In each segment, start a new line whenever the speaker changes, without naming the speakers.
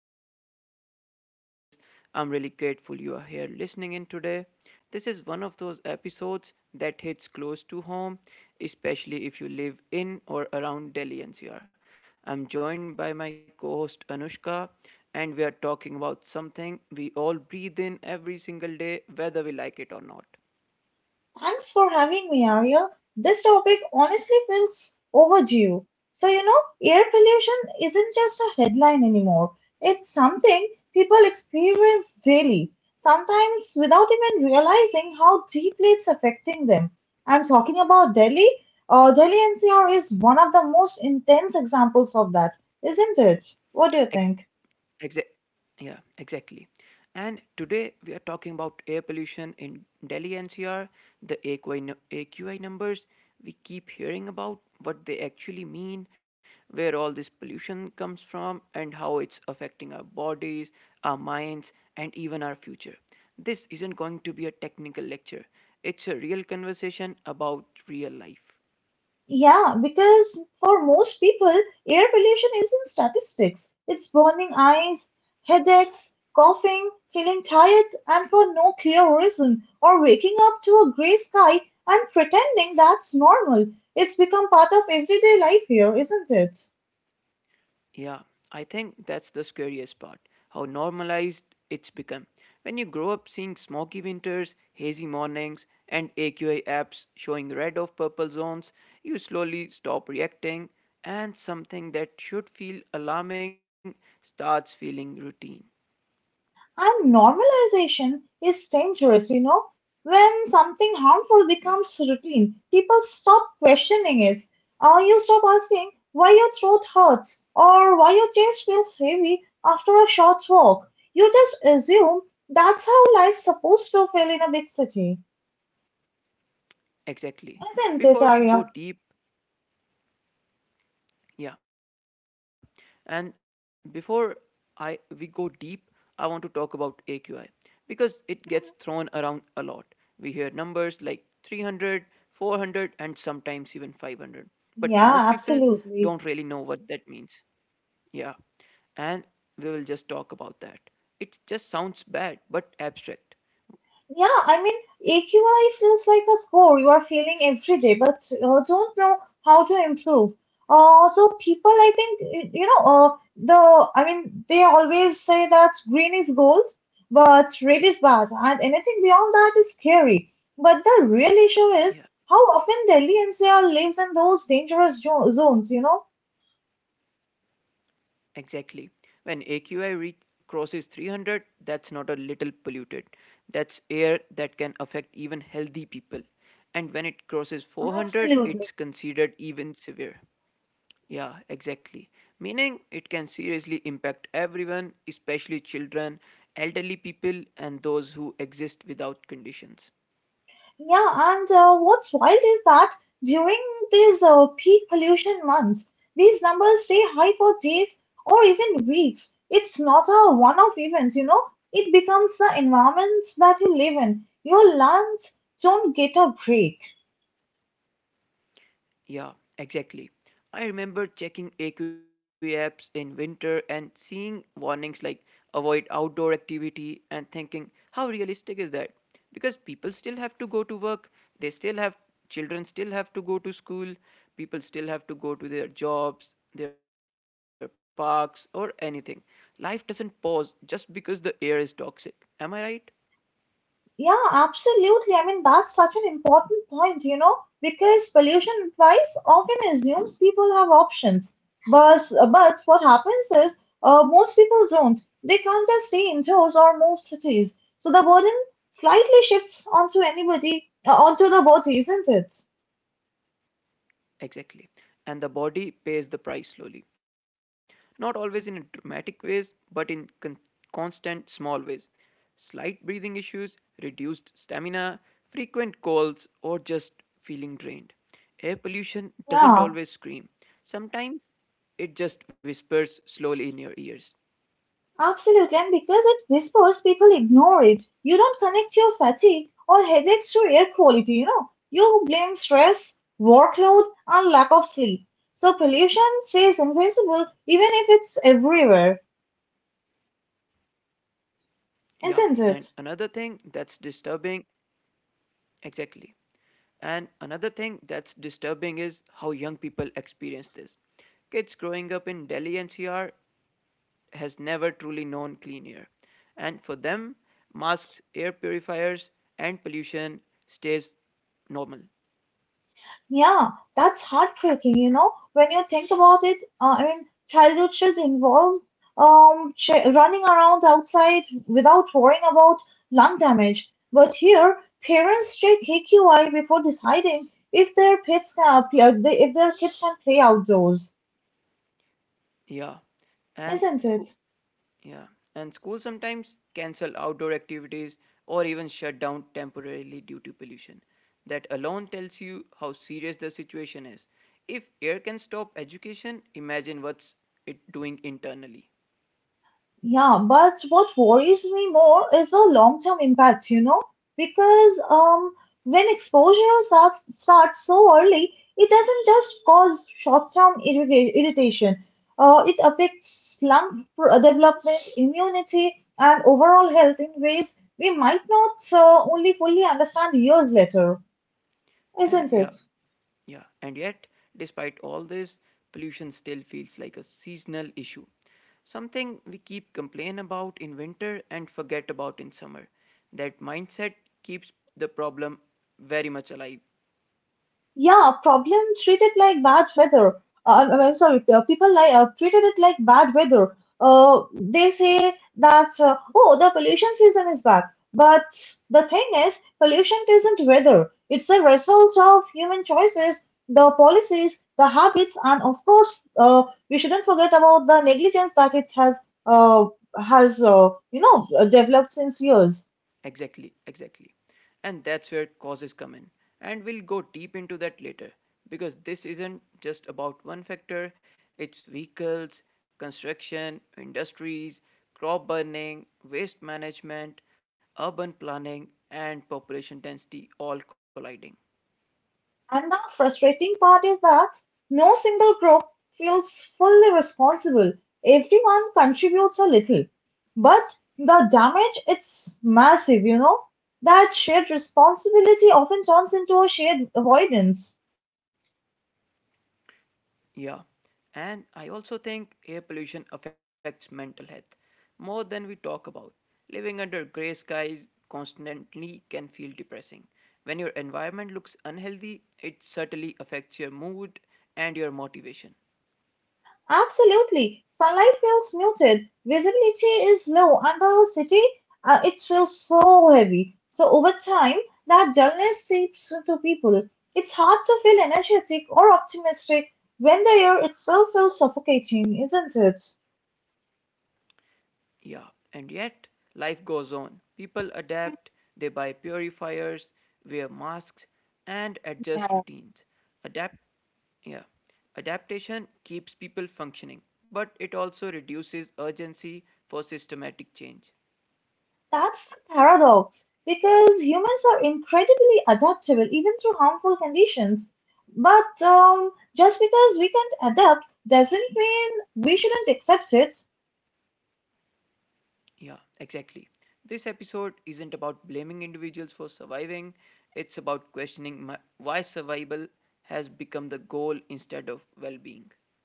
Arya, and as always, I'm really grateful you are here listening in today. This is one of those episodes that hits close to home, especially if you live in or around Delhi NCR. I'm joined by my co host Anushka, and we are talking about something we all breathe in every single day, whether we like it or not.
Thanks for having me, Arya. This topic honestly feels overdue. So, you know, air pollution isn't just a headline anymore. It's something people experience daily, sometimes without even realizing how deeply it's affecting them. I'm talking about Delhi. Delhi NCR is one of the most intense examples of that, isn't it? What do you think?
Exa- yeah, exactly. And today we are talking about air pollution in Delhi NCR, the AQI, AQI numbers we keep hearing about, what they actually mean, where all this pollution comes from, and how it's affecting our bodies, our minds, and even our future. This isn't going to be a technical lecture, it's a real conversation about real life.
Yeah, because for most people, air pollution isn't statistics. It's burning eyes, headaches, coughing, feeling tired, and for no clear reason, or waking up to a gray sky and pretending that's normal. It's become part of everyday life here, isn't it?
Yeah, I think that's the scariest part how normalized it's become. When you grow up seeing smoky winters, hazy mornings, and AQI apps showing red of purple zones, you slowly stop reacting, and something that should feel alarming starts feeling routine.
And normalization is dangerous, you know. When something harmful becomes
Yeah,
routine, people stop questioning it. Or you stop asking why your throat hurts or why your chest feels heavy after a short walk. You just assume that's how life's supposed to feel in a big city. Isn't it, Arya?
exactly. Before we go deep, yeah. And before I we go deep, I want to talk about AQI because it gets thrown around a lot. We hear numbers like 300, 400, and sometimes even 500.
Yeah,
But most people
absolutely.
don't really know what that means. Yeah. And we will just talk about that. It just sounds bad but abstract.
Yeah, I mean, AQI feels like a score you are feeling every day, but don't know how to improve. So people, I think, you know, they always say that green is gold, but red is bad, and anything beyond that is scary. But the real issue is
Yeah.
how often Delhi NCR lives in those dangerous zones, you know?
Exactly. When AQI crosses 300, that's not a little polluted. That's air that can affect even healthy people. And when it crosses 400,
Absolutely.
it's considered even severe. Yeah, exactly. Meaning it can seriously impact everyone, especially children, elderly people, and those who exist without conditions.
Yeah, and what's wild is that during these peak pollution months, these numbers stay high for days or even weeks. It's not a one off event, you know, it becomes the environments that you live in. Your lungs don't get a break.
Yeah, exactly. I remember checking AQ apps in winter and seeing warnings like avoid outdoor activity and thinking, how realistic is that? Because people still have to go to work, they still have children still have to go to school, people still have to go to their jobs, their parks or anything. Life doesn't pause just because the air is toxic. Am I right?
Yeah, absolutely. I mean, that's such an important point, you know, because pollution advice often assumes people have options. But, but what happens is most people don't. They can't just stay indoors or move cities. So the burden slightly shifts onto anybody, onto the body, isn't it?
Exactly. And the body pays the price slowly. Not always in dramatic ways, but in constant small ways. Slight breathing issues, reduced stamina, frequent colds, or just feeling drained. Air pollution doesn't
Yeah.
always scream. Sometimes it just whispers slowly in your ears.
Absolutely, and because it whispers, people ignore it. You don't connect your fatigue or headaches to air quality, you know. You blame stress, workload, and lack of sleep. So pollution stays invisible even if it's everywhere,
Yeah, and
isn't it?
another thing that's disturbing Exactly. And another thing that's disturbing is how young people experience this. Kids growing up in Delhi NCR has never truly known clean air. And for them, masks, air purifiers, and pollution stays normal.
Yeah, that's heartbreaking, you know, when you think about it. I mean, childhood should involve ch running around outside without worrying about lung damage. But here, parents check AQI before deciding if their pets can, if their kids can play outdoors,
Yeah. And
isn't
school
it?
Yeah, and schools sometimes cancel outdoor activities or even shut down temporarily due to pollution. That alone tells you how serious the situation is. If air can stop education, imagine what's it doing internally.
Yeah, but what worries me more is the long-term impact, you know, because when exposure starts so early, it doesn't just cause short-term irritation. It affects lung development, immunity, and overall health in ways we might not only fully understand years later, isn't
Yeah,
it?
yeah. And yet, despite all this, pollution still feels like a seasonal issue. Something we keep complain about in winter and forget about in summer. That mindset keeps the problem very much alive.
Yeah, problem treated like bad weather. I'm sorry, people like treated it like bad weather. They say that oh, the pollution season is back, but the thing is, pollution isn't weather. It's the result of human choices, the policies, the habits, and of course, we shouldn't forget about the negligence that it uh, has developed since years.
Exactly, exactly. And that's where causes come in. And we'll go deep into that later because this isn't just about one factor, it's vehicles, construction, industries, crop burning, waste management, urban planning, and population density all colliding.
And the frustrating part is that no single group feels fully responsible. Everyone contributes a little. But the damage, it's massive, you know? That shared responsibility often turns into a shared avoidance.
Yeah. And I also think air pollution affects mental health more than we talk about. Living under grey skies constantly can feel depressing. When your environment looks unhealthy, it certainly affects your mood and your motivation.
Absolutely. Sunlight feels muted, visibility is low, and the city, it feels so heavy. So over time, that dullness seeps into people. It's hard to feel energetic or optimistic when the air itself feels suffocating, isn't it?
Yeah, and yet life goes on. People adapt, they buy purifiers, wear masks, and adjust
Yeah,
routines. Adapt yeah. Adaptation keeps people functioning, but it also reduces urgency for systematic change.
that's the paradox because humans are incredibly adaptable even to harmful conditions. But just because we can't adapt doesn't mean we shouldn't accept it.
Yeah, exactly. This episode isn't about blaming individuals for surviving, it's about questioning my, why survival has become the goal instead of well being.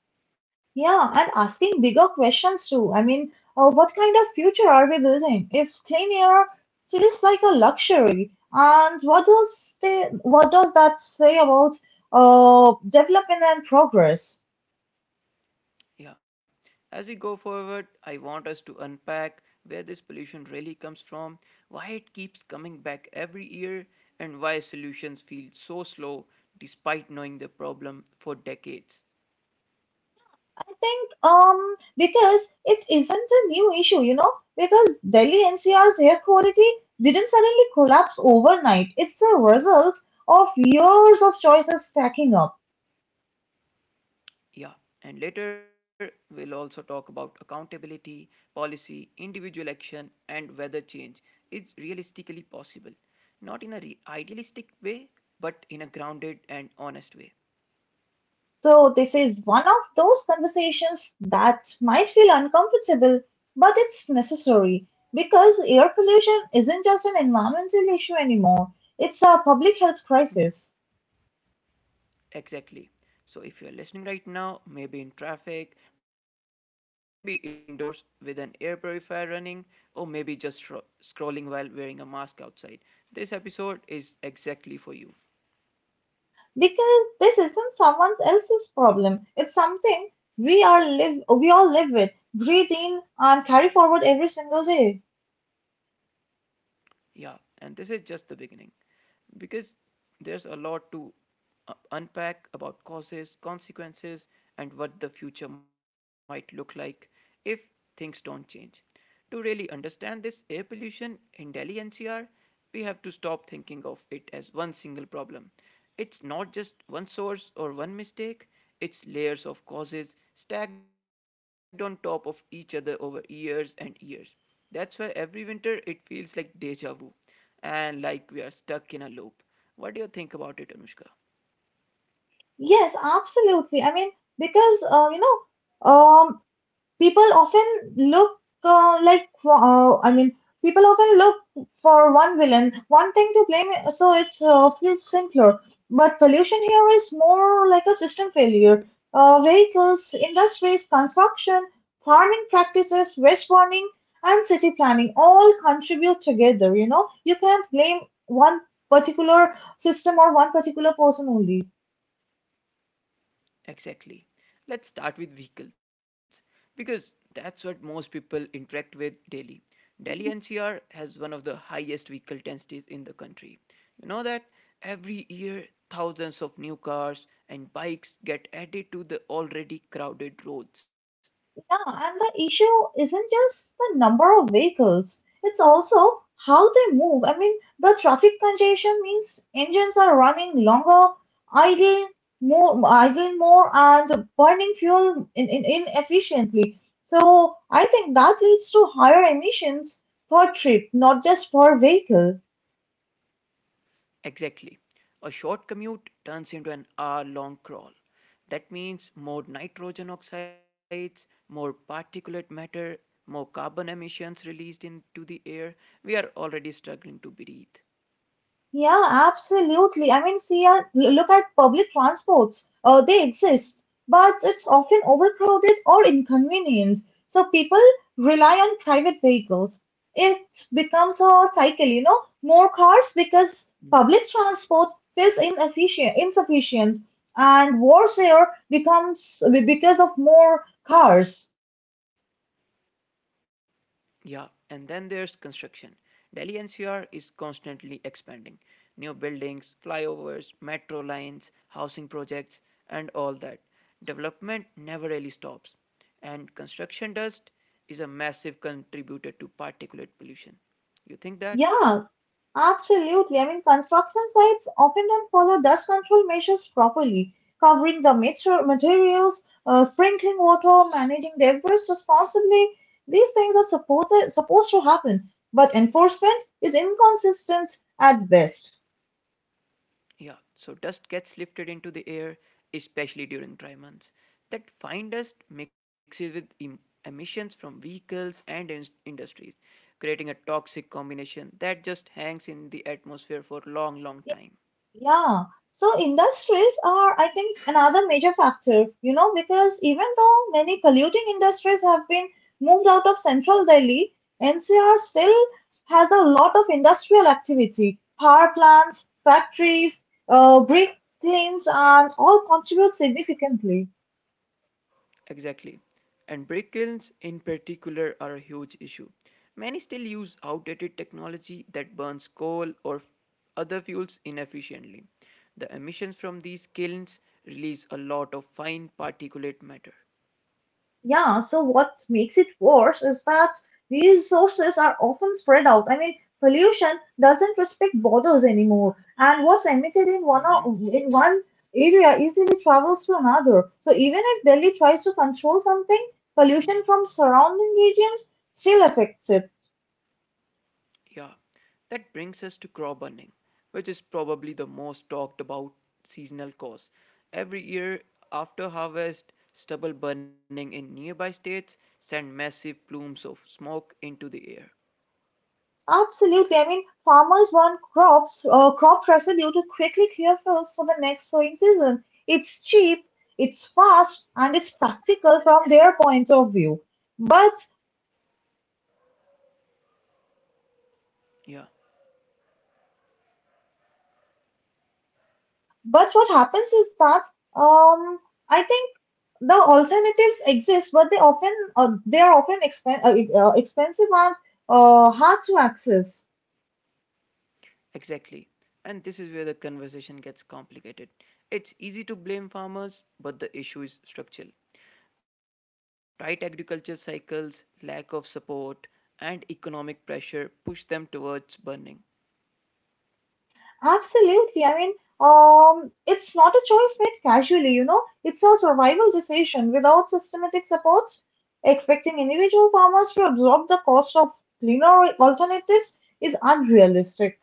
Yeah, and asking bigger questions too. I mean, what kind of future are we building? If thin air feels like a luxury, and what does what does that say about development and progress?
Yeah. As we go forward, I want us to unpack where this pollution really comes from, why it keeps coming back every year, and why solutions feel so slow despite knowing the problem for decades.
I think because it isn't a new issue, you know, because Delhi NCR's air quality didn't suddenly collapse overnight. It's a result of years of choices stacking up.
Yeah. And later, we'll also talk about accountability, policy, individual action, and whether change is realistically possible. Not in a idealistic way, but in a grounded and honest way.
So, this is one of those conversations that might feel uncomfortable, but it's necessary because air pollution isn't just an environmental issue anymore, it's a public health crisis.
Exactly. So if you're listening right now, maybe in traffic, maybe indoors with an air purifier running, or maybe just scrolling while wearing a mask outside, this episode is exactly for you.
Because this isn't someone else's problem, it's something we all live with, breathe in, and carry forward every single day.
Yeah, and this is just the beginning. Because there's a lot to unpack about causes, consequences, and what the future might look like if things don't change. To really understand this air pollution in Delhi NCR, we have to stop thinking of it as one single problem. It's not just one source or one mistake, it's layers of causes stacked on top of each other over years and years. That's why every winter it feels like deja vu and like we are stuck in a loop. What do you think about it, Anushka?
Yes, absolutely. I mean, because, you know, people often look uh, like uh, I mean people often look for one villain, one thing to blame, so it feels simpler. But pollution here is more like a system failure. Vehicles, industries, construction, farming practices, waste burning, and city planning all contribute together. You know, you can't blame one particular system or one particular person only.
Exactly. Let's start with vehicles because that's what most people interact with daily. Delhi NCR has one of the highest vehicle densities in the country. You know that every year thousands of new cars and bikes get added to the already crowded roads.
Yeah, and the issue isn't just the number of vehicles, it's also how they move. I mean, the traffic congestion means engines are running longer, idling idling more, and burning fuel inefficiently. So I think that leads to higher emissions per trip, not just per vehicle.
Exactly. A short commute turns into an hour long crawl. That means more nitrogen oxides, more particulate matter, more carbon emissions released into the air. We are already struggling to breathe.
Yeah, absolutely. I mean, see, look at public transports. They exist, but it's often overcrowded or inconvenient. So people rely on private vehicles. It becomes a cycle, you know, more cars because public transport feels inefficient, insufficient, and worse Air becomes because of more cars.
Yeah, and then there's construction. Delhi NCR is constantly expanding. New buildings, flyovers, metro lines, housing projects, and all that. Development never really stops. And construction dust is a massive contributor to particulate pollution. You think
Yeah,
that?
Absolutely. I mean, construction sites often don't follow dust control measures properly, covering the materials, sprinkling water, managing debris responsibly. These things are supposed to happen, but enforcement is inconsistent at best.
Yeah, so dust gets lifted into the air, especially during dry months. That fine dust mixes with emissions from vehicles and industries, creating a toxic combination that just hangs in the atmosphere for long, long time.
Yeah, so industries are, I think, another major factor, you know, because even though many polluting industries have been moved out of central Delhi, NCR still has a lot of industrial activity, power plants, factories, brick kilns, and all contribute significantly.
Exactly. And brick kilns, in particular, are a huge issue. Many still use outdated technology that burns coal or other fuels inefficiently. The emissions from these kilns release a lot of fine particulate matter.
Yeah, so what makes it worse is that these resources are often spread out. I mean, pollution doesn't respect borders anymore, and what's emitted in one area easily travels to another. So even if Delhi tries to control something, pollution from surrounding regions still affects it.
Yeah, that brings us to crop burning, which is probably the most talked about seasonal cause. Every year after harvest, stubble burning in nearby states send massive plumes of smoke into the air.
Absolutely. I mean, farmers want crop residue to quickly clear fields for the next sowing season. It's cheap, it's fast, and it's practical from their point of view. But
Yeah,
but what happens is that um, I think the alternatives exist, but they are often expensive and hard to access.
exactly. And this is where the conversation gets complicated. It's easy to blame farmers, but the issue is structural. Tight agriculture cycles, lack of support, and economic pressure push them towards burning.
Absolutely. I mean, it's not a choice made casually, you know, it's a survival decision. Without systematic support, expecting individual farmers to absorb the cost of cleaner alternatives is unrealistic.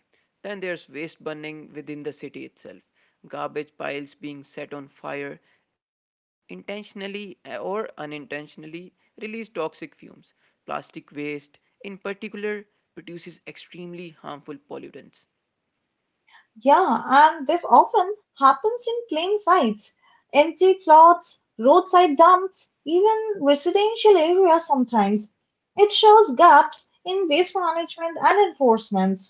Exactly. Then there's waste burning within the city itself, garbage piles being set on fire, intentionally or unintentionally release toxic fumes. Plastic waste, in particular, produces extremely harmful pollutants.
Yeah, and this often happens in plain sites, empty plots, roadside dumps, even residential areas sometimes. It shows gaps in waste management and enforcement.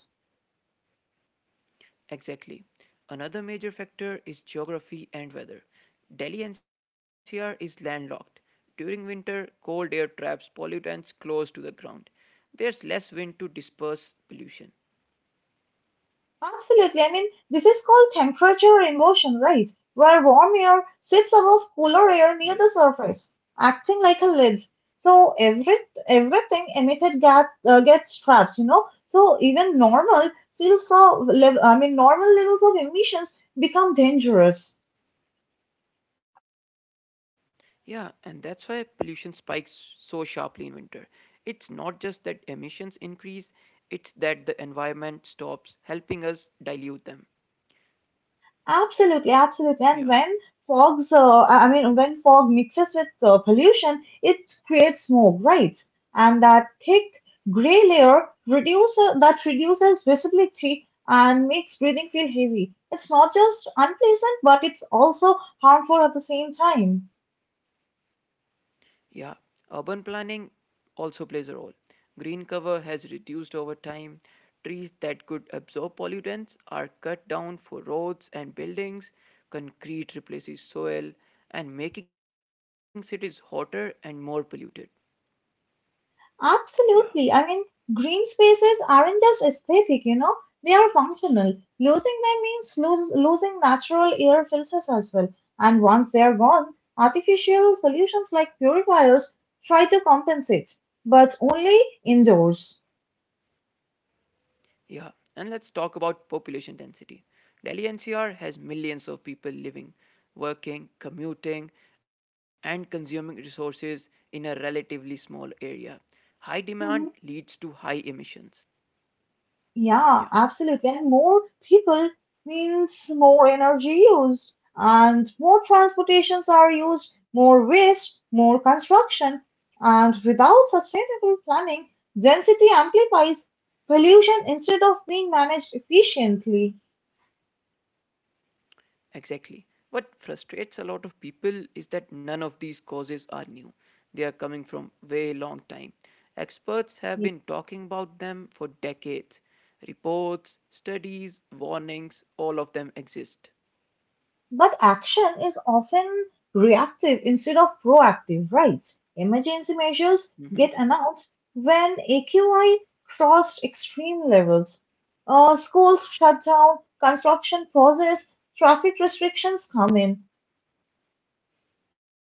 Exactly. Another major factor is geography and weather. Delhi NCR is landlocked. During winter, cold air traps pollutants close to the ground. There's less wind to disperse pollution.
Absolutely. I mean, this is called temperature inversion, right? Where warm air sits above cooler air near the
Yeah.
surface, acting like a lid. So everything emitted gas gets trapped, you know. So even normal feels so. Lev- I mean, normal levels of emissions become dangerous.
Yeah, and that's why pollution spikes so sharply in winter. It's not just that emissions increase, it's that the environment stops helping us dilute them.
Absolutely, absolutely. And when
Yeah.
fogs, I mean, when fog mixes with pollution, it creates smoke, right? And that thick gray layer reduces visibility and makes breathing feel heavy. It's not just unpleasant, but it's also harmful at the same time.
Yeah. Urban planning also plays a role. Green cover has reduced over time. Trees that could absorb pollutants are cut down for roads and buildings. Concrete replaces soil and making cities hotter and more polluted. Yeah.
Absolutely. I mean, green spaces aren't just aesthetic, you know, they are functional. Losing them means losing natural air filters as well. And once they are gone, artificial solutions like purifiers try to compensate, but only indoors.
Yeah, and let's talk about population density. Delhi NCR has millions of people living, working, commuting, and consuming resources in a relatively small area. High demand leads to high emissions.
Yeah,
Yeah,
absolutely. And more people means more energy used, and more transportations are used, more waste, more construction. And without sustainable planning, density amplifies pollution instead of being managed efficiently.
exactly. What frustrates a lot of people is that none of these causes are new. They are coming from way long time. Experts have been talking about them for decades. Reports, studies, warnings, all of them exist.
But action is often reactive instead of proactive, right? Emergency measures
Mm-hmm.
get announced when AQI crossed extreme levels. Schools shut down, construction pauses, traffic restrictions come in.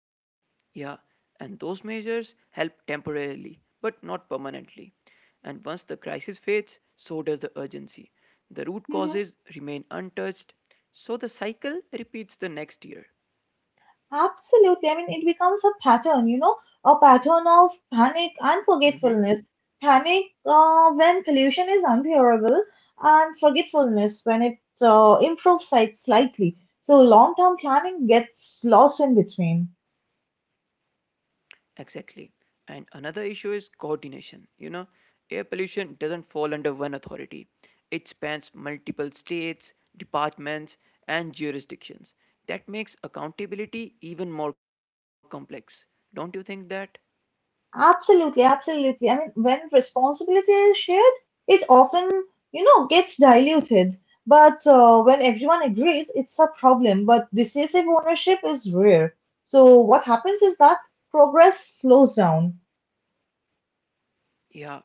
Yeah, and those measures help temporarily, but not permanently. And once the crisis fades, so does the urgency. The root causes
Mm-hmm.
remain untouched, so the cycle repeats the next year.
Absolutely. I mean, it becomes a pattern, you know, a pattern of panic and forgetfulness. Panic when pollution is unbearable, and forgetfulness when it slightly. So long term planning gets lost in between.
Exactly. And another issue is coordination. You know, air pollution doesn't fall under one authority, it spans multiple states, departments, and jurisdictions. That makes accountability even more complex. Don't you think that?
Absolutely, absolutely. I mean, when responsibility is shared, it often, you know, gets diluted. But When everyone agrees, it's a problem. But decisive ownership is rare. So what happens is that progress slows down.
Yeah,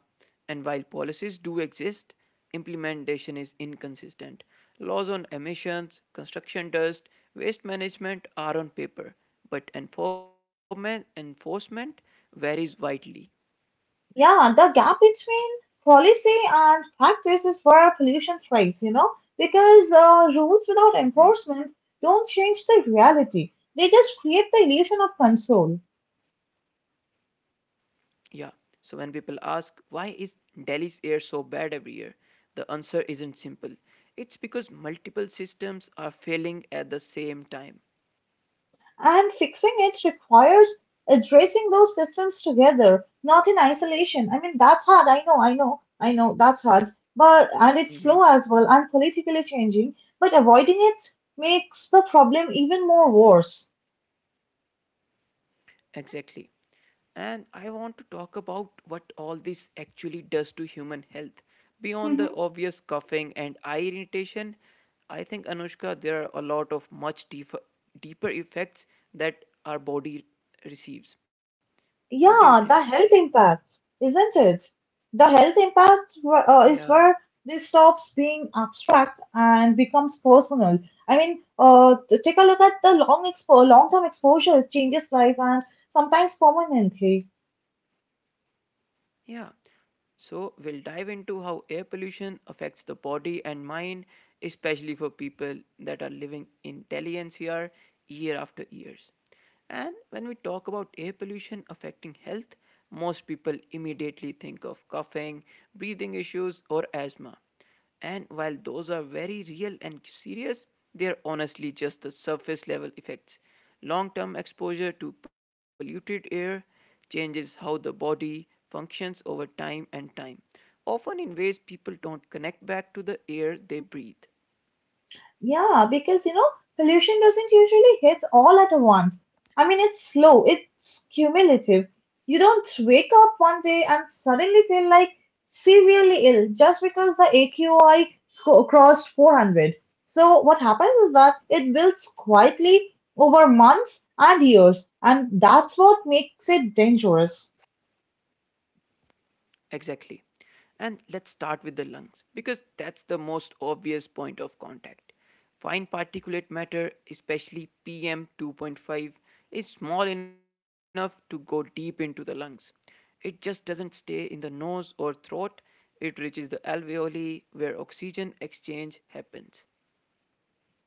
and while policies do exist, implementation is inconsistent. Laws on emissions, construction dust, waste management are on paper, but enforcement varies widely.
Yeah, the gap between policy and practice is where pollution thrives, you know, because rules without enforcement don't change the reality. They just create the illusion of control.
Yeah. So when people ask why is Delhi's air so bad every year, the answer isn't simple. It's because multiple systems are failing at the same time.
And fixing it requires addressing those systems together, not in isolation. I mean, that's hard. I know, that's hard. And it's slow as well and politically changing. But avoiding it makes the problem even more worse.
Exactly. And I want to talk about what all this actually does to human health. Beyond the obvious coughing and eye irritation, I think Anushka, there are a lot of much deeper effects that our body receives. What do you think?
Yeah, the health impact, isn't it? The health impact is
Yeah.
where this stops being abstract and becomes personal. I mean, take a look at the long-term exposure. It changes life and sometimes permanently.
Yeah. So we'll dive into how air pollution affects the body and mind, especially for people that are living in Delhi NCR year after years. And when we talk about air pollution affecting health, most people immediately think of coughing, breathing issues, or asthma. And while those are very real and serious, they are honestly just the surface level effects. Long term exposure to polluted air changes how the body functions over time, often in ways people don't connect back to the air they breathe.
Yeah, because you know, pollution doesn't usually hit all at once. I mean, it's slow, it's cumulative. You don't wake up one day and suddenly feel like severely ill just because the AQI crossed 400. So, what happens is that it builds quietly over months and years, and that's what makes it dangerous.
Exactly. And let's start with the lungs because that's the most obvious point of contact. Fine particulate matter, especially PM 2.5, is small enough to go deep into the lungs. It just doesn't stay in the nose or throat, it reaches the alveoli where oxygen exchange happens.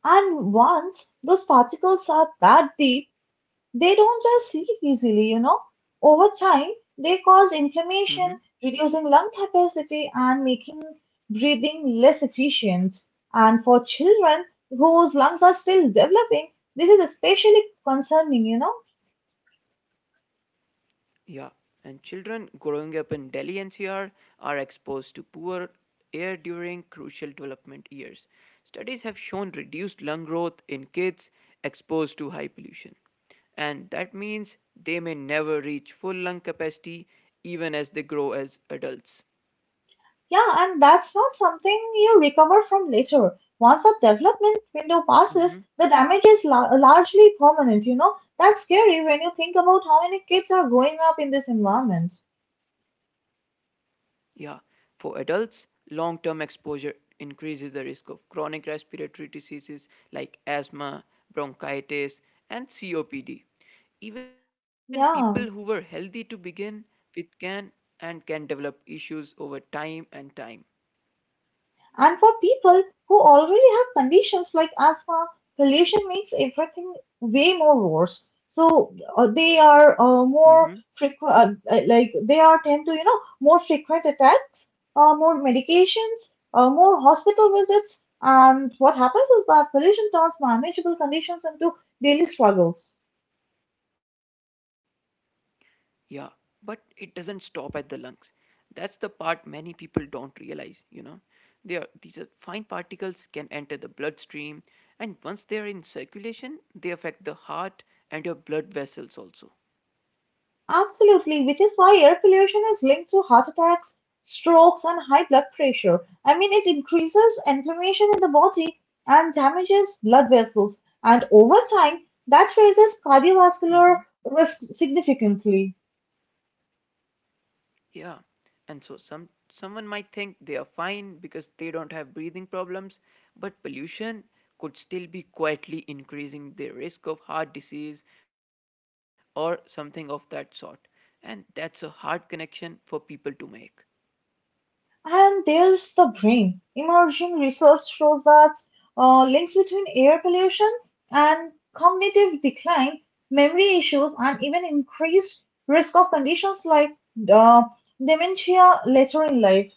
And once those particles are that deep, they don't just leak easily, you know. Over time, they cause inflammation, reducing lung capacity and making breathing less efficient. And for children whose lungs are still developing, this is especially concerning, you know.
Yeah, and children growing up in Delhi NCR are exposed to poor air during crucial development years. Studies have shown reduced lung growth in kids exposed to high pollution. And that means they may never reach full lung capacity even as they grow as adults.
Yeah, and that's not something you recover from later. Once the development window passes, the damage is largely permanent, you know. That's scary when you think about how many kids are growing up in this environment.
Yeah, for adults, long term exposure increases the risk of chronic respiratory diseases like asthma, bronchitis, and COPD. Even people who were
Yeah.
healthy to begin with can and can develop issues over time and time.
And for people who already have conditions like asthma, pollution makes everything way more worse. So they are more
Mm-hmm.
frequent, like they are tend to, more frequent attacks, more medications, more hospital visits. And what happens is that pollution turns manageable conditions into daily struggles.
Yeah, but it doesn't stop at the lungs. That's the part many people don't realize, these are fine particles can enter the bloodstream, and once they are in circulation, they affect the heart and your blood vessels also.
Absolutely, which is why air pollution is linked to heart attacks, strokes, and high blood pressure. I mean, it increases inflammation in the body and damages blood vessels, and over time, that raises cardiovascular risk significantly.
Yeah, and so someone might think they are fine because they don't have breathing problems, but pollution could still be quietly increasing their risk of heart disease or something of that sort. And that's a hard connection for people to make.
And there's the brain. Emerging research shows that links between air pollution and cognitive decline, memory issues, and even increased risk of conditions like uh, dementia later in life.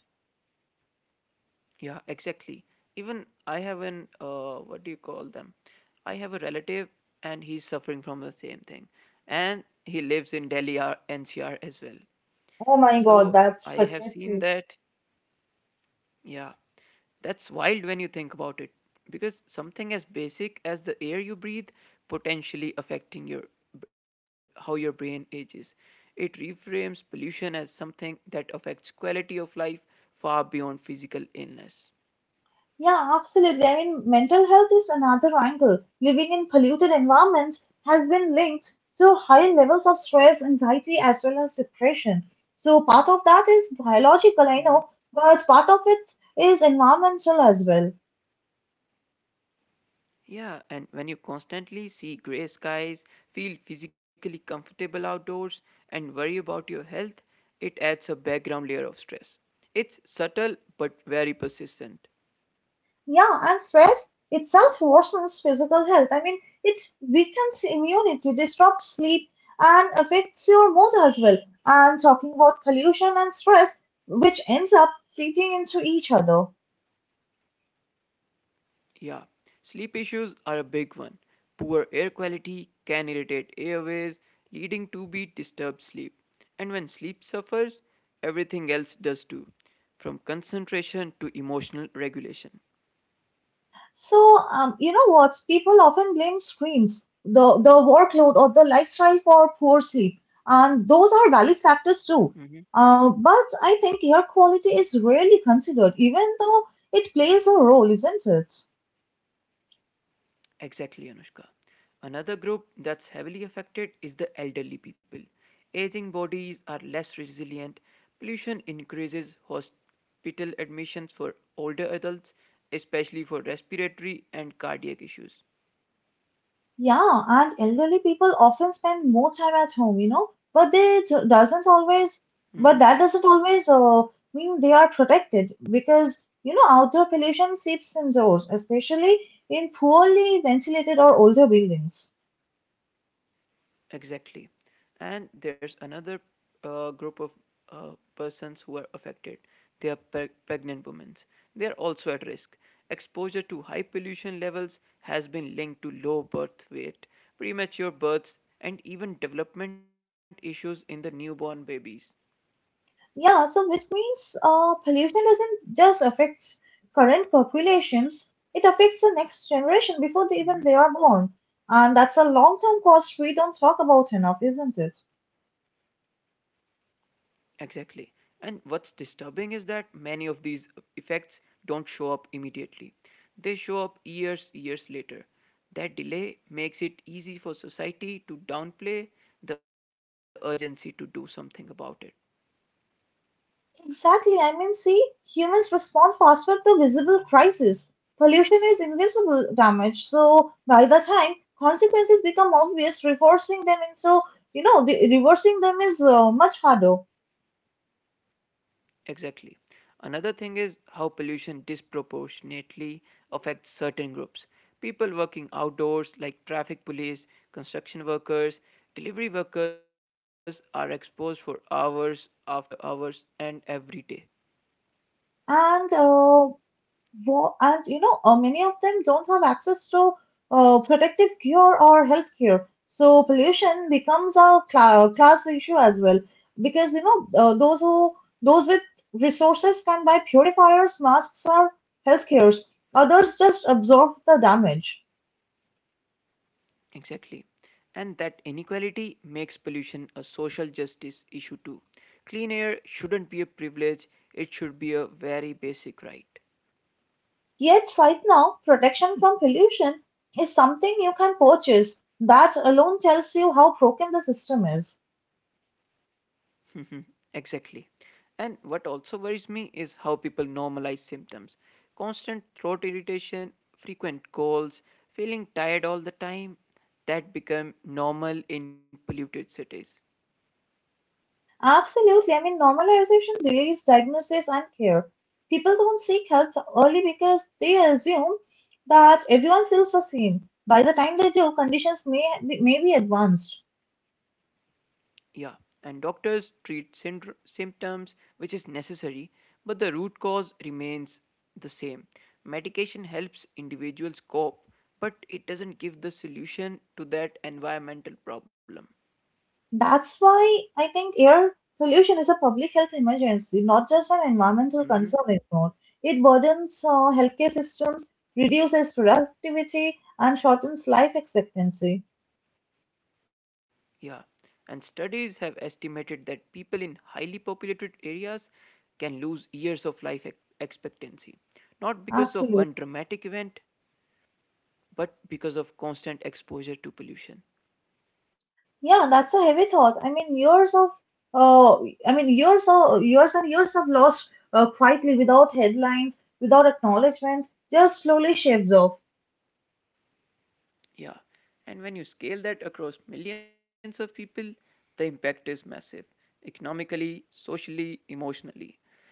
Yeah, exactly. Even I have an what do you call them? I have a relative, and he's suffering from the same thing, and he lives in Delhi or NCR as well.
Oh my god,
So
that's
I have seen
pathetic.
that. Yeah, that's wild when you think about it, because something as basic as the air you breathe potentially affecting your how your brain ages. It reframes pollution as something that affects quality of life far beyond physical illness.
Yeah, absolutely. I mean, mental health is another angle. Living in polluted environments has been linked to higher levels of stress, anxiety, as well as depression. So, part of that is biological, I know, but part of it is environmental as well.
Yeah, and when you constantly see grey skies, feel physically comfortable outdoors, and worry about your health, it adds a background layer of stress. It's subtle but very persistent.
Yeah, and stress itself worsens physical health. I mean, it weakens immunity, disrupts sleep, and affects your mood as well. And talking about pollution and stress, which ends up feeding into each other.
Yeah, sleep issues are a big one. Poor air quality can irritate airways, leading to be disturbed sleep. And when sleep suffers, everything else does too, from concentration to emotional regulation.
So, you know what? People often blame screens, the workload, or the lifestyle for poor sleep. And those are valid factors
Hmm.
too. But I think air quality is rarely considered, even though it plays a role, isn't it?
Exactly, Anushka. Another group that's heavily affected is the elderly people. Aging bodies are less resilient, pollution increases hospital admissions for older adults, especially for respiratory and cardiac issues.
Yeah, and elderly people often spend more time at home, you know, but they doesn't always,
Mm-hmm.
but that doesn't always mean they are protected because, you know, outdoor pollution seeps indoors, especially in poorly ventilated or older buildings.
Exactly. And there's another group of persons who are affected. They are pregnant women. They are also at risk. Exposure to high pollution levels has been linked to low birth weight, premature births, and even development issues in the newborn babies.
Yeah, so which means pollution doesn't just affect current populations, it affects the next generation before they even they are born. And that's a long-term cost we don't talk about enough, isn't it?
Exactly. And what's disturbing is that many of these effects don't show up immediately. They show up years later. That delay makes it easy for society to downplay the urgency to do something about it.
Exactly. I mean, see, humans respond faster to visible crisis. Pollution is invisible damage, so by the time consequences become obvious, reversing them into, you know, the reversing them is much harder.
Exactly. Another thing is how pollution disproportionately affects certain groups. People working outdoors, like traffic police, construction workers, delivery workers, are exposed for hours after hours and every day.
And uh, and you know, many of them don't have access to protective gear or healthcare. So pollution becomes a class issue as well, because you know those with resources can buy purifiers, masks, or healthcares. Others just absorb the damage.
Exactly. And that inequality makes pollution a social justice issue too. Clean air shouldn't be a privilege, it should be a very basic right.
Yet right now, protection from pollution is something you can purchase. That alone tells you how broken the system is.
Exactly. And what also worries me is how people normalize symptoms. Constant throat irritation, frequent colds, feeling tired all the time, that become normal in polluted cities.
Absolutely. I mean, normalization delays diagnosis and care. People don't seek help early because they assume that everyone feels the same. By the time they do, conditions may be advanced.
Yeah, and doctors treat symptoms, which is necessary, but the root cause remains the same. Medication helps individuals cope, but it doesn't give the solution to that environmental problem.
That's why I think air pollution is a public health emergency, not just an environmental concern anymore. It burdens healthcare systems, reduces productivity, and shortens life expectancy.
Yeah, and studies have estimated that people in highly populated areas can lose years of life expectancy, not because
Absolutely.
of one dramatic event, but because of constant exposure to pollution.
Yeah, that's a heavy thought. I mean, uh, years of years and years of lost quietly without headlines, without acknowledgments, just slowly shaves off.
Yeah. And when you scale that across millions of people, the impact is massive economically, socially, emotionally.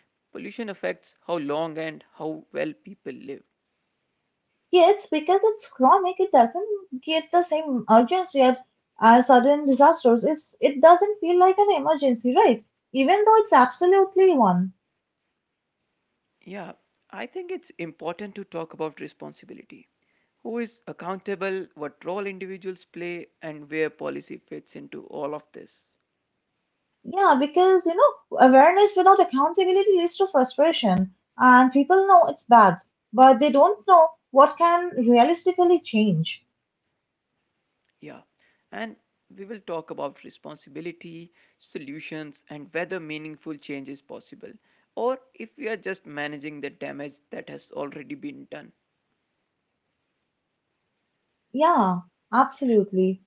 Pollution affects how long and how well people live.
Yet, because it's chronic, it doesn't get the same urgency as sudden disasters. It doesn't feel like an emergency, right? Even though it's absolutely one.
Yeah, I think it's important to talk about responsibility. Who is accountable, what role individuals play, and where policy fits into all of this.
Yeah, because you know, awareness without accountability leads to frustration, and people know it's bad, but they don't know what can realistically change.
Yeah, and we will talk about responsibility, solutions, and whether meaningful change is possible, or if we are just managing the damage that has already been done.
Yeah, absolutely.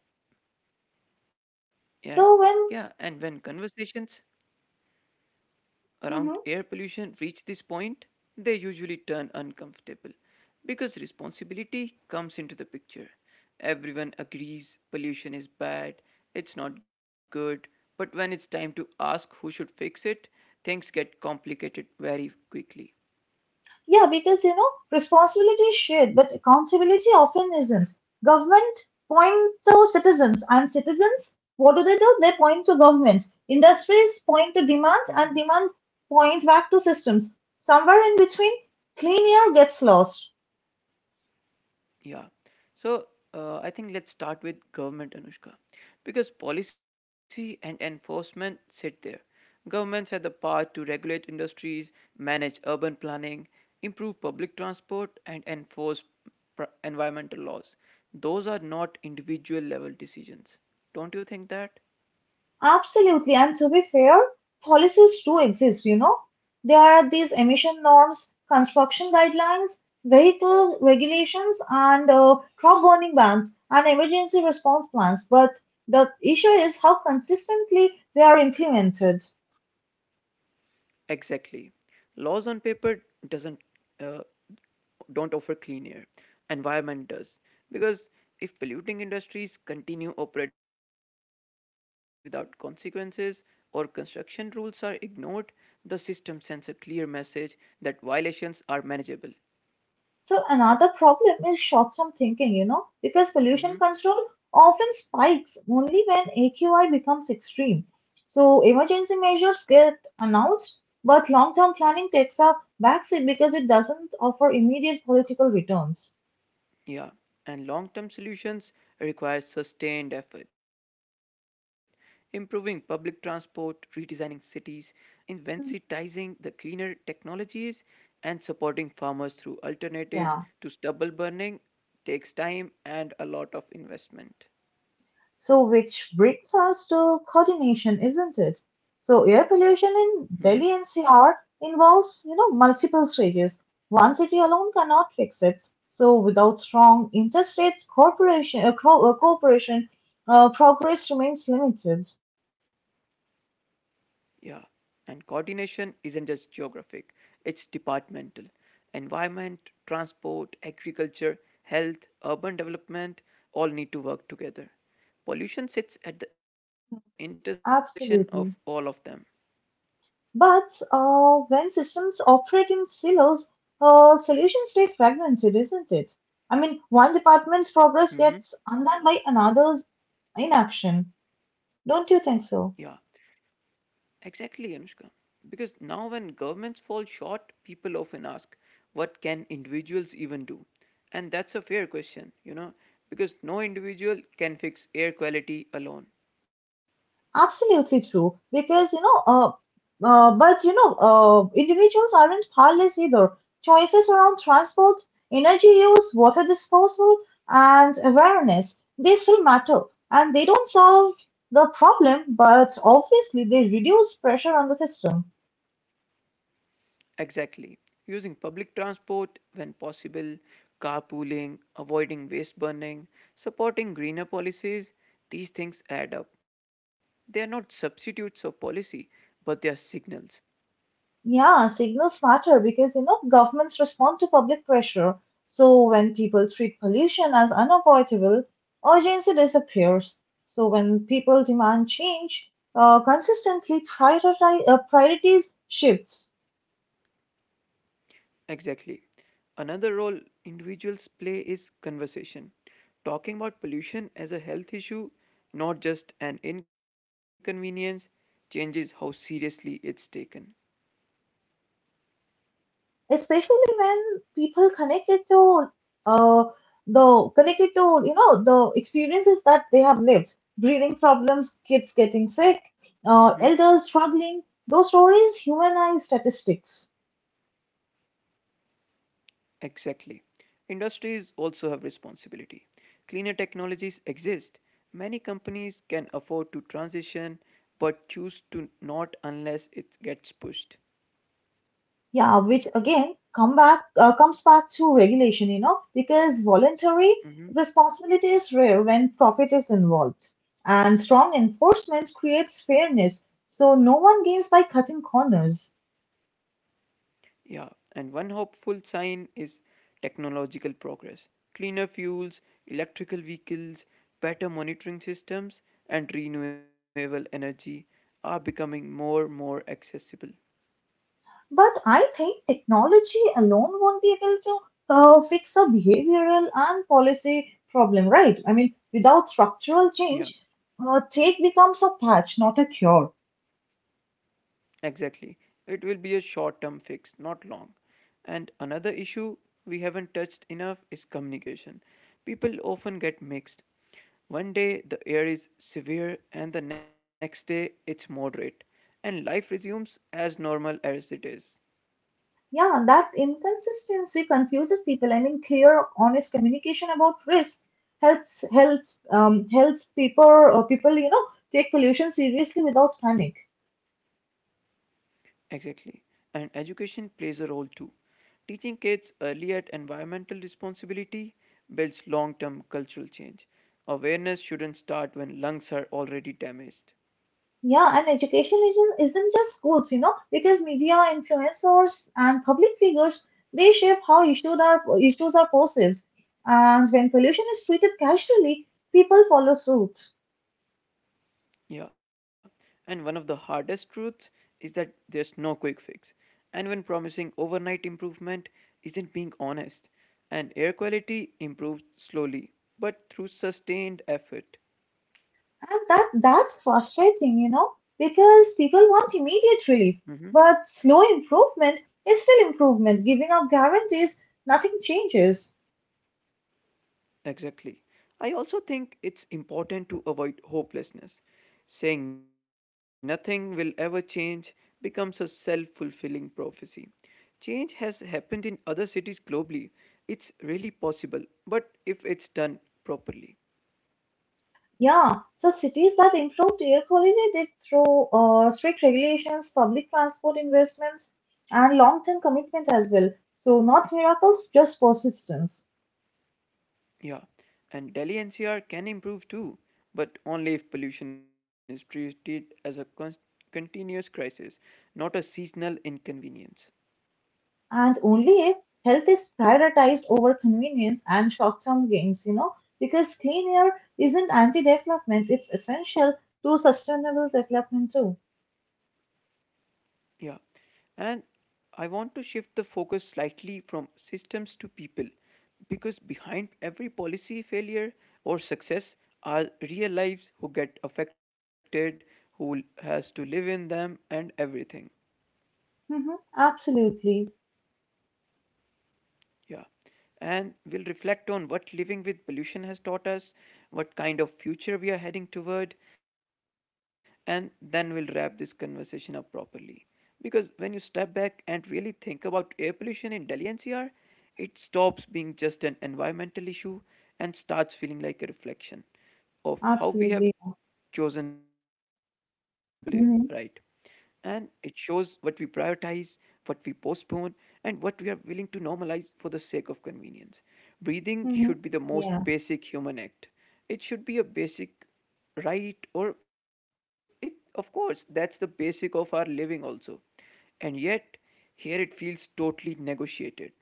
And
So
yeah,
when,
and when conversations around
hmm,
air pollution reach this point, they usually turn uncomfortable because responsibility comes into the picture. Everyone agrees pollution is bad, it's not good, but when it's time to ask who should fix it, things get complicated very quickly.
yeah, because you know, responsibility is shared, but accountability often isn't. Government point to citizens, and citizens, what do? They point to governments. Industries point to demands, and demand points back to systems. Somewhere in between, clean air gets lost.
Yeah. So I think let's start with government, Anushka, because policy and enforcement sit there. Governments have the power to regulate industries, manage urban planning, improve public transport, and enforce environmental laws. Those are not individual level decisions. Don't you think that?
Absolutely. And to be fair, policies do exist, you know. There are these emission norms, construction guidelines, vehicle regulations, and crop burning bans and emergency response plans. But the issue is how consistently they are implemented.
Exactly. Laws on paper doesn't uh, don't offer clean air. Environment does. Because if polluting industries continue operating without consequences or construction rules are ignored, the system sends a clear message that violations are manageable.
So another problem is short-term thinking, you know, because pollution
Mm-hmm.
control often spikes only when AQI becomes extreme. So emergency measures get announced, but long-term planning takes a backseat because it doesn't offer immediate political returns.
Yeah, and long term solutions require sustained effort. Improving public transport, redesigning cities,
Mhm.
incentivizing the cleaner technologies, and supporting farmers through alternatives
Yeah.
to stubble burning takes time and a lot of investment.
So, which brings us to coordination, isn't it? So, air pollution in Delhi NCR involves, you know, multiple stages. One city alone cannot fix it. So, without strong interstate cooperation, progress remains limited.
Yeah, and coordination isn't just geographic, it's departmental. Environment, transport, agriculture, health, urban development all need to work together. Pollution sits at the intersection of all of them.
Absolutely. But when systems operate in silos, solutions stay fragmented, isn't it? I mean, one department's
Mm-hmm.
progress gets undone by another's inaction. Don't you think so?
Yeah, exactly, Anushka. Because now, when governments fall short, people often ask, what can individuals even do? And that's a fair question, you know, because no individual can fix air quality alone.
Absolutely true. Because, you know, but, you know, individuals aren't powerless either. Choices around transport, energy use, water disposal, and awareness, they still matter. And they don't solve the problem, but obviously they reduce pressure on the system.
Exactly. Using public transport when possible, carpooling, avoiding waste burning, supporting greener policies, these things add up. They are not substitutes of policy, but they are signals.
Yeah, signals matter because you know governments respond to public pressure. So when people treat pollution as unavoidable, urgency disappears. So when people demand change, consistently prioritize, priorities shifts,
Exactly. Another role individuals play is conversation. Talking about pollution as a health issue, not just an inconvenience, changes how seriously it's taken.
especially when people connected to uh, the connected to you know the experiences that they have lived, breathing problems, kids getting sick, elders struggling. Those stories humanize statistics.
Exactly. Industries also have responsibility. Cleaner technologies exist. Many companies can afford to transition but choose to not unless it gets pushed.
Yeah, which again comes back to regulation, you know, because voluntary
Mhm.
responsibility is rare when profit is involved, and strong enforcement creates fairness, so no one gains by cutting corners.
Yeah, and one hopeful sign is technological progress. Cleaner fuels, electrical vehicles, better monitoring systems, and renewable energy are becoming more and more accessible.
But I think technology alone won't be able to fix the behavioral and policy problem, right? I mean, without structural
Yeah.
change, take becomes a patch, not a cure.
Exactly. It will be a short term fix, not long. And another issue we haven't touched enough is communication. People often get mixed. One day the air is severe, and the next day it's moderate, and life resumes as normal as it is.
Yeah, that inconsistency confuses people. I mean, clear, honest communication about risk helps people you know take pollution seriously without panic.
Exactly. And education plays a role too. Teaching kids early at environmental responsibility builds long term cultural change. Awareness shouldn't start when lungs are already damaged.
Yeah, and education isn't just schools, you know, because media, influencers, and public figures they shape how issues are perceived. And when pollution is treated casually, people follow suit.
Yeah, and one of the hardest truths is that there's no quick fix. And when promising overnight improvement isn't being honest, and air quality improves slowly but through sustained effort.
And that's frustrating, you know, because people want immediate
Mm-hmm.
relief. But slow improvement is still improvement. Giving up guarantees, nothing changes.
Exactly. I also think it's important to avoid hopelessness. Saying nothing will ever change becomes a self fulfilling prophecy. Change has happened in other cities globally. It's really possible, but if it's done properly.
Yeah, so cities that improved air quality did through strict regulations, public transport investments, and long-term commitment as well. So not miracles, just persistence.
Yeah, and Delhi NCR can improve too, but only if pollution is treated as a continuous crisis, not a seasonal inconvenience.
And only if health is prioritized over convenience and short term gains, you know, because clean air isn't anti development, it's essential to sustainable development, too.
Yeah, and I want to shift the focus slightly from systems to people, because behind every policy failure or success are real lives who get affected, who has to live in them, and everything.
Hmm. Absolutely.
Yeah. And we'll reflect on what living with pollution has taught us, what kind of future we are heading toward, and then we'll wrap this conversation up properly. Because when you step back and really think about air pollution in Delhi NCR, it stops being just an environmental issue and starts feeling like a reflection
Absolutely.
of how we have chosen to live, right?
Hmm.
And it shows what we prioritize, what we postpone, and what we are willing to normalize for the sake of convenience.
Hmm.
Breathing should be
Yeah.
the most basic human act. It should be a basic right, or it, of course, that's the basic of our living also. And yet, here it feels totally negotiated.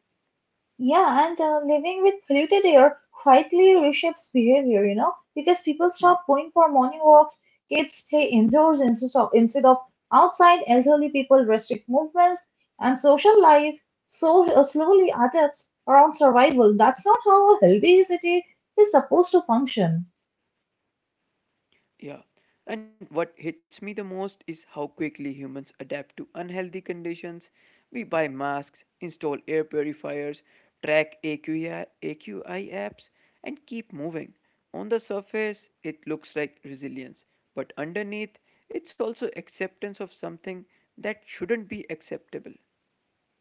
Yeah, and living with polluted air quietly reshapes behavior, you know, because people stop going for morning walks, kids stay indoors instead of outside, elderly people restrict movements, and social life slowly adapts around survival. That's not how a healthy city is supposed to function.
Yeah. And what hits me the most is how quickly humans adapt to unhealthy conditions. We buy masks, install air purifiers, track AQI, apps, and keep moving. On the surface, it looks like resilience, but underneath, it's also acceptance of something that shouldn't be acceptable.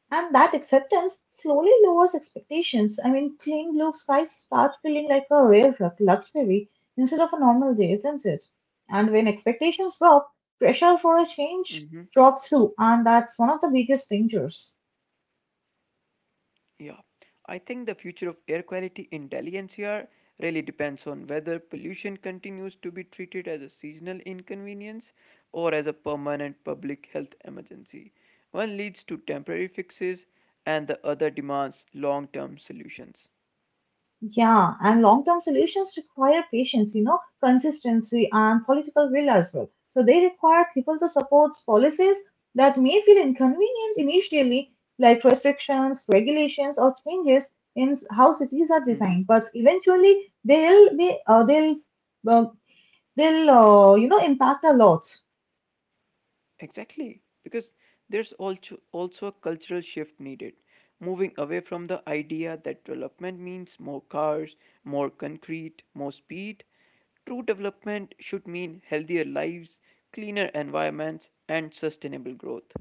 And that acceptance slowly lowers expectations. I mean, clean blue skies start feeling like a rare luxury instead of a normal day, isn't it? And when expectations drop, pressure for a
Mm-hmm.
change drops too, and that's one of the biggest dangers.
Yeah, I think the future of air quality in Delhi NCR really depends on whether pollution continues to be treated as a seasonal inconvenience or as a permanent public health emergency. One leads to temporary fixes and the other demands long term solutions.
Yeah, and long term solutions require patience, you know, consistency and political will as well. So they require people to support policies that may feel inconvenient initially, like restrictions, regulations, or changes in how cities are designed.
Mhm.
But eventually, they'll be, uh, they'll, you know, impact a lot.
Exactly, because there's also also a cultural shift needed, moving away from the idea that development means more cars, more concrete, more speed. True development should mean healthier lives, cleaner environments, and sustainable growth.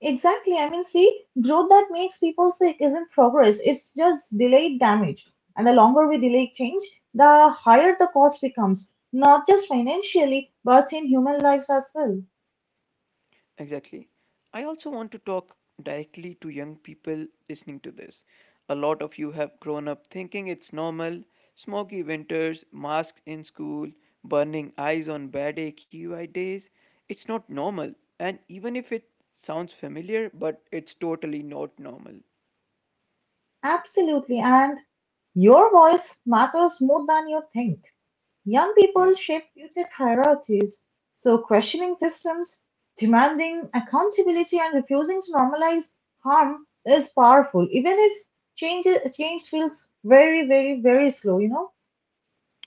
Exactly. I mean, see, growth that makes people sick isn't progress, it's just delayed damage. And the longer we delay change, the higher the cost becomes, not just financially, but in human lives as well.
Exactly. I also want to talk directly to young people listening to this. A lot of you have grown up thinking it's normal smoky winters, masks in school, burning eyes on bad AQI days. It's not normal. And even if it sounds familiar, but it's totally not normal.
Absolutely. And your voice matters more than you think. Young people
Yeah.
shape future priorities, so questioning systems, demanding accountability, and refusing to normalize harm is powerful, even if change, change feels very, very, very slow, you know?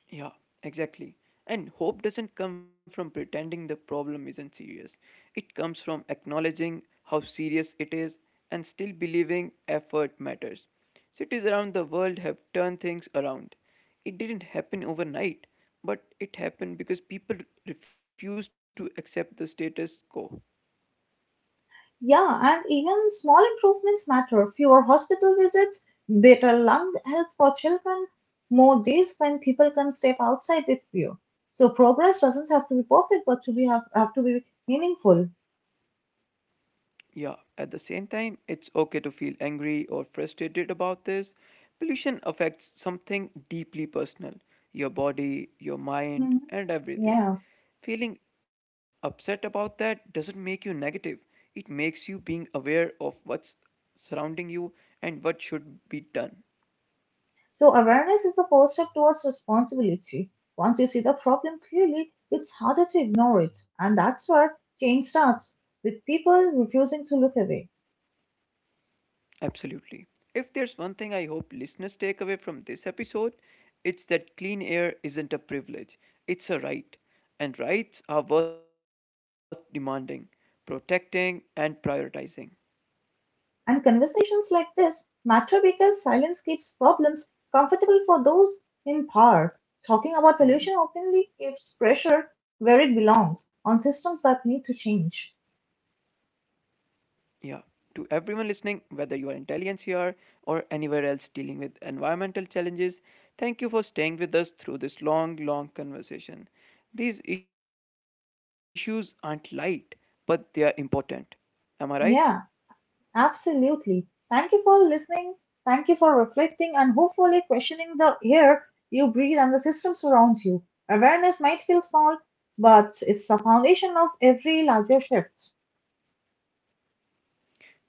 Yeah, exactly. And hope doesn't come from pretending the problem isn't serious. It comes from acknowledging how serious it is and still believing effort matters. Cities around the world have turned things around. It didn't happen overnight, but it happened because people refused to accept the status quo.
Yeah, and even small improvements matter. Fewer hospital visits, better lung health for children, more days when people can step outside with fear. So progress doesn't have to be perfect, but have to be meaningful.
Yeah, at the same time, it's okay to feel angry or frustrated about this. Pollution affects something deeply personal your body, your mind,
Mhm.
and everything.
Yeah.
Feeling upset about that doesn't make you negative, it makes you being aware of what's surrounding you and what should be done.
So awareness is the first step towards responsibility. Once you see the problem clearly, it's harder to ignore it. And that's where change starts, with people refusing to look away.
Absolutely. If there's one thing I hope listeners take away from this episode, it's that clean air isn't a privilege, it's a right. And rights are worth demanding, protecting, and prioritizing.
And conversations like this matter because silence keeps problems comfortable for those in power. Talking about pollution
Mm,
openly keeps pressure where it belongs, on systems that need to change.
yeah. To everyone listening, whether you are in Delhi NCR or anywhere else dealing with environmental challenges, thank you for staying with us through this long conversation. These issues aren't light, but they are important. Am I right?
Yeah. Absolutely. Thank you for listening. Thank you for reflecting and hopefully questioning the air you breathe and the systems around you. Awareness might feel small, but it's the foundation of every larger shift.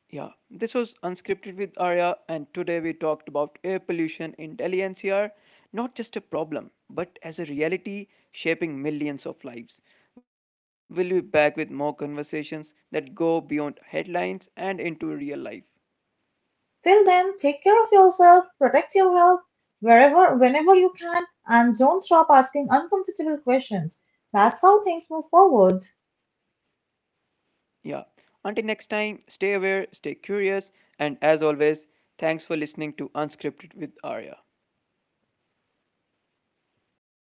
Yeah, this was Unscripted with Arya, and today we talked about air pollution in Delhi NCR, not just a problem, but as a reality shaping millions of lives. We'll be back with more conversations that go beyond headlines and into real life.
Till then, take care of yourself, protect your health wherever, whenever you can, and don't stop asking uncomfortable questions. That's how things move forward.
Yeah, until next time, stay aware, stay curious, and as always, thanks for listening to Unscripted with Arya.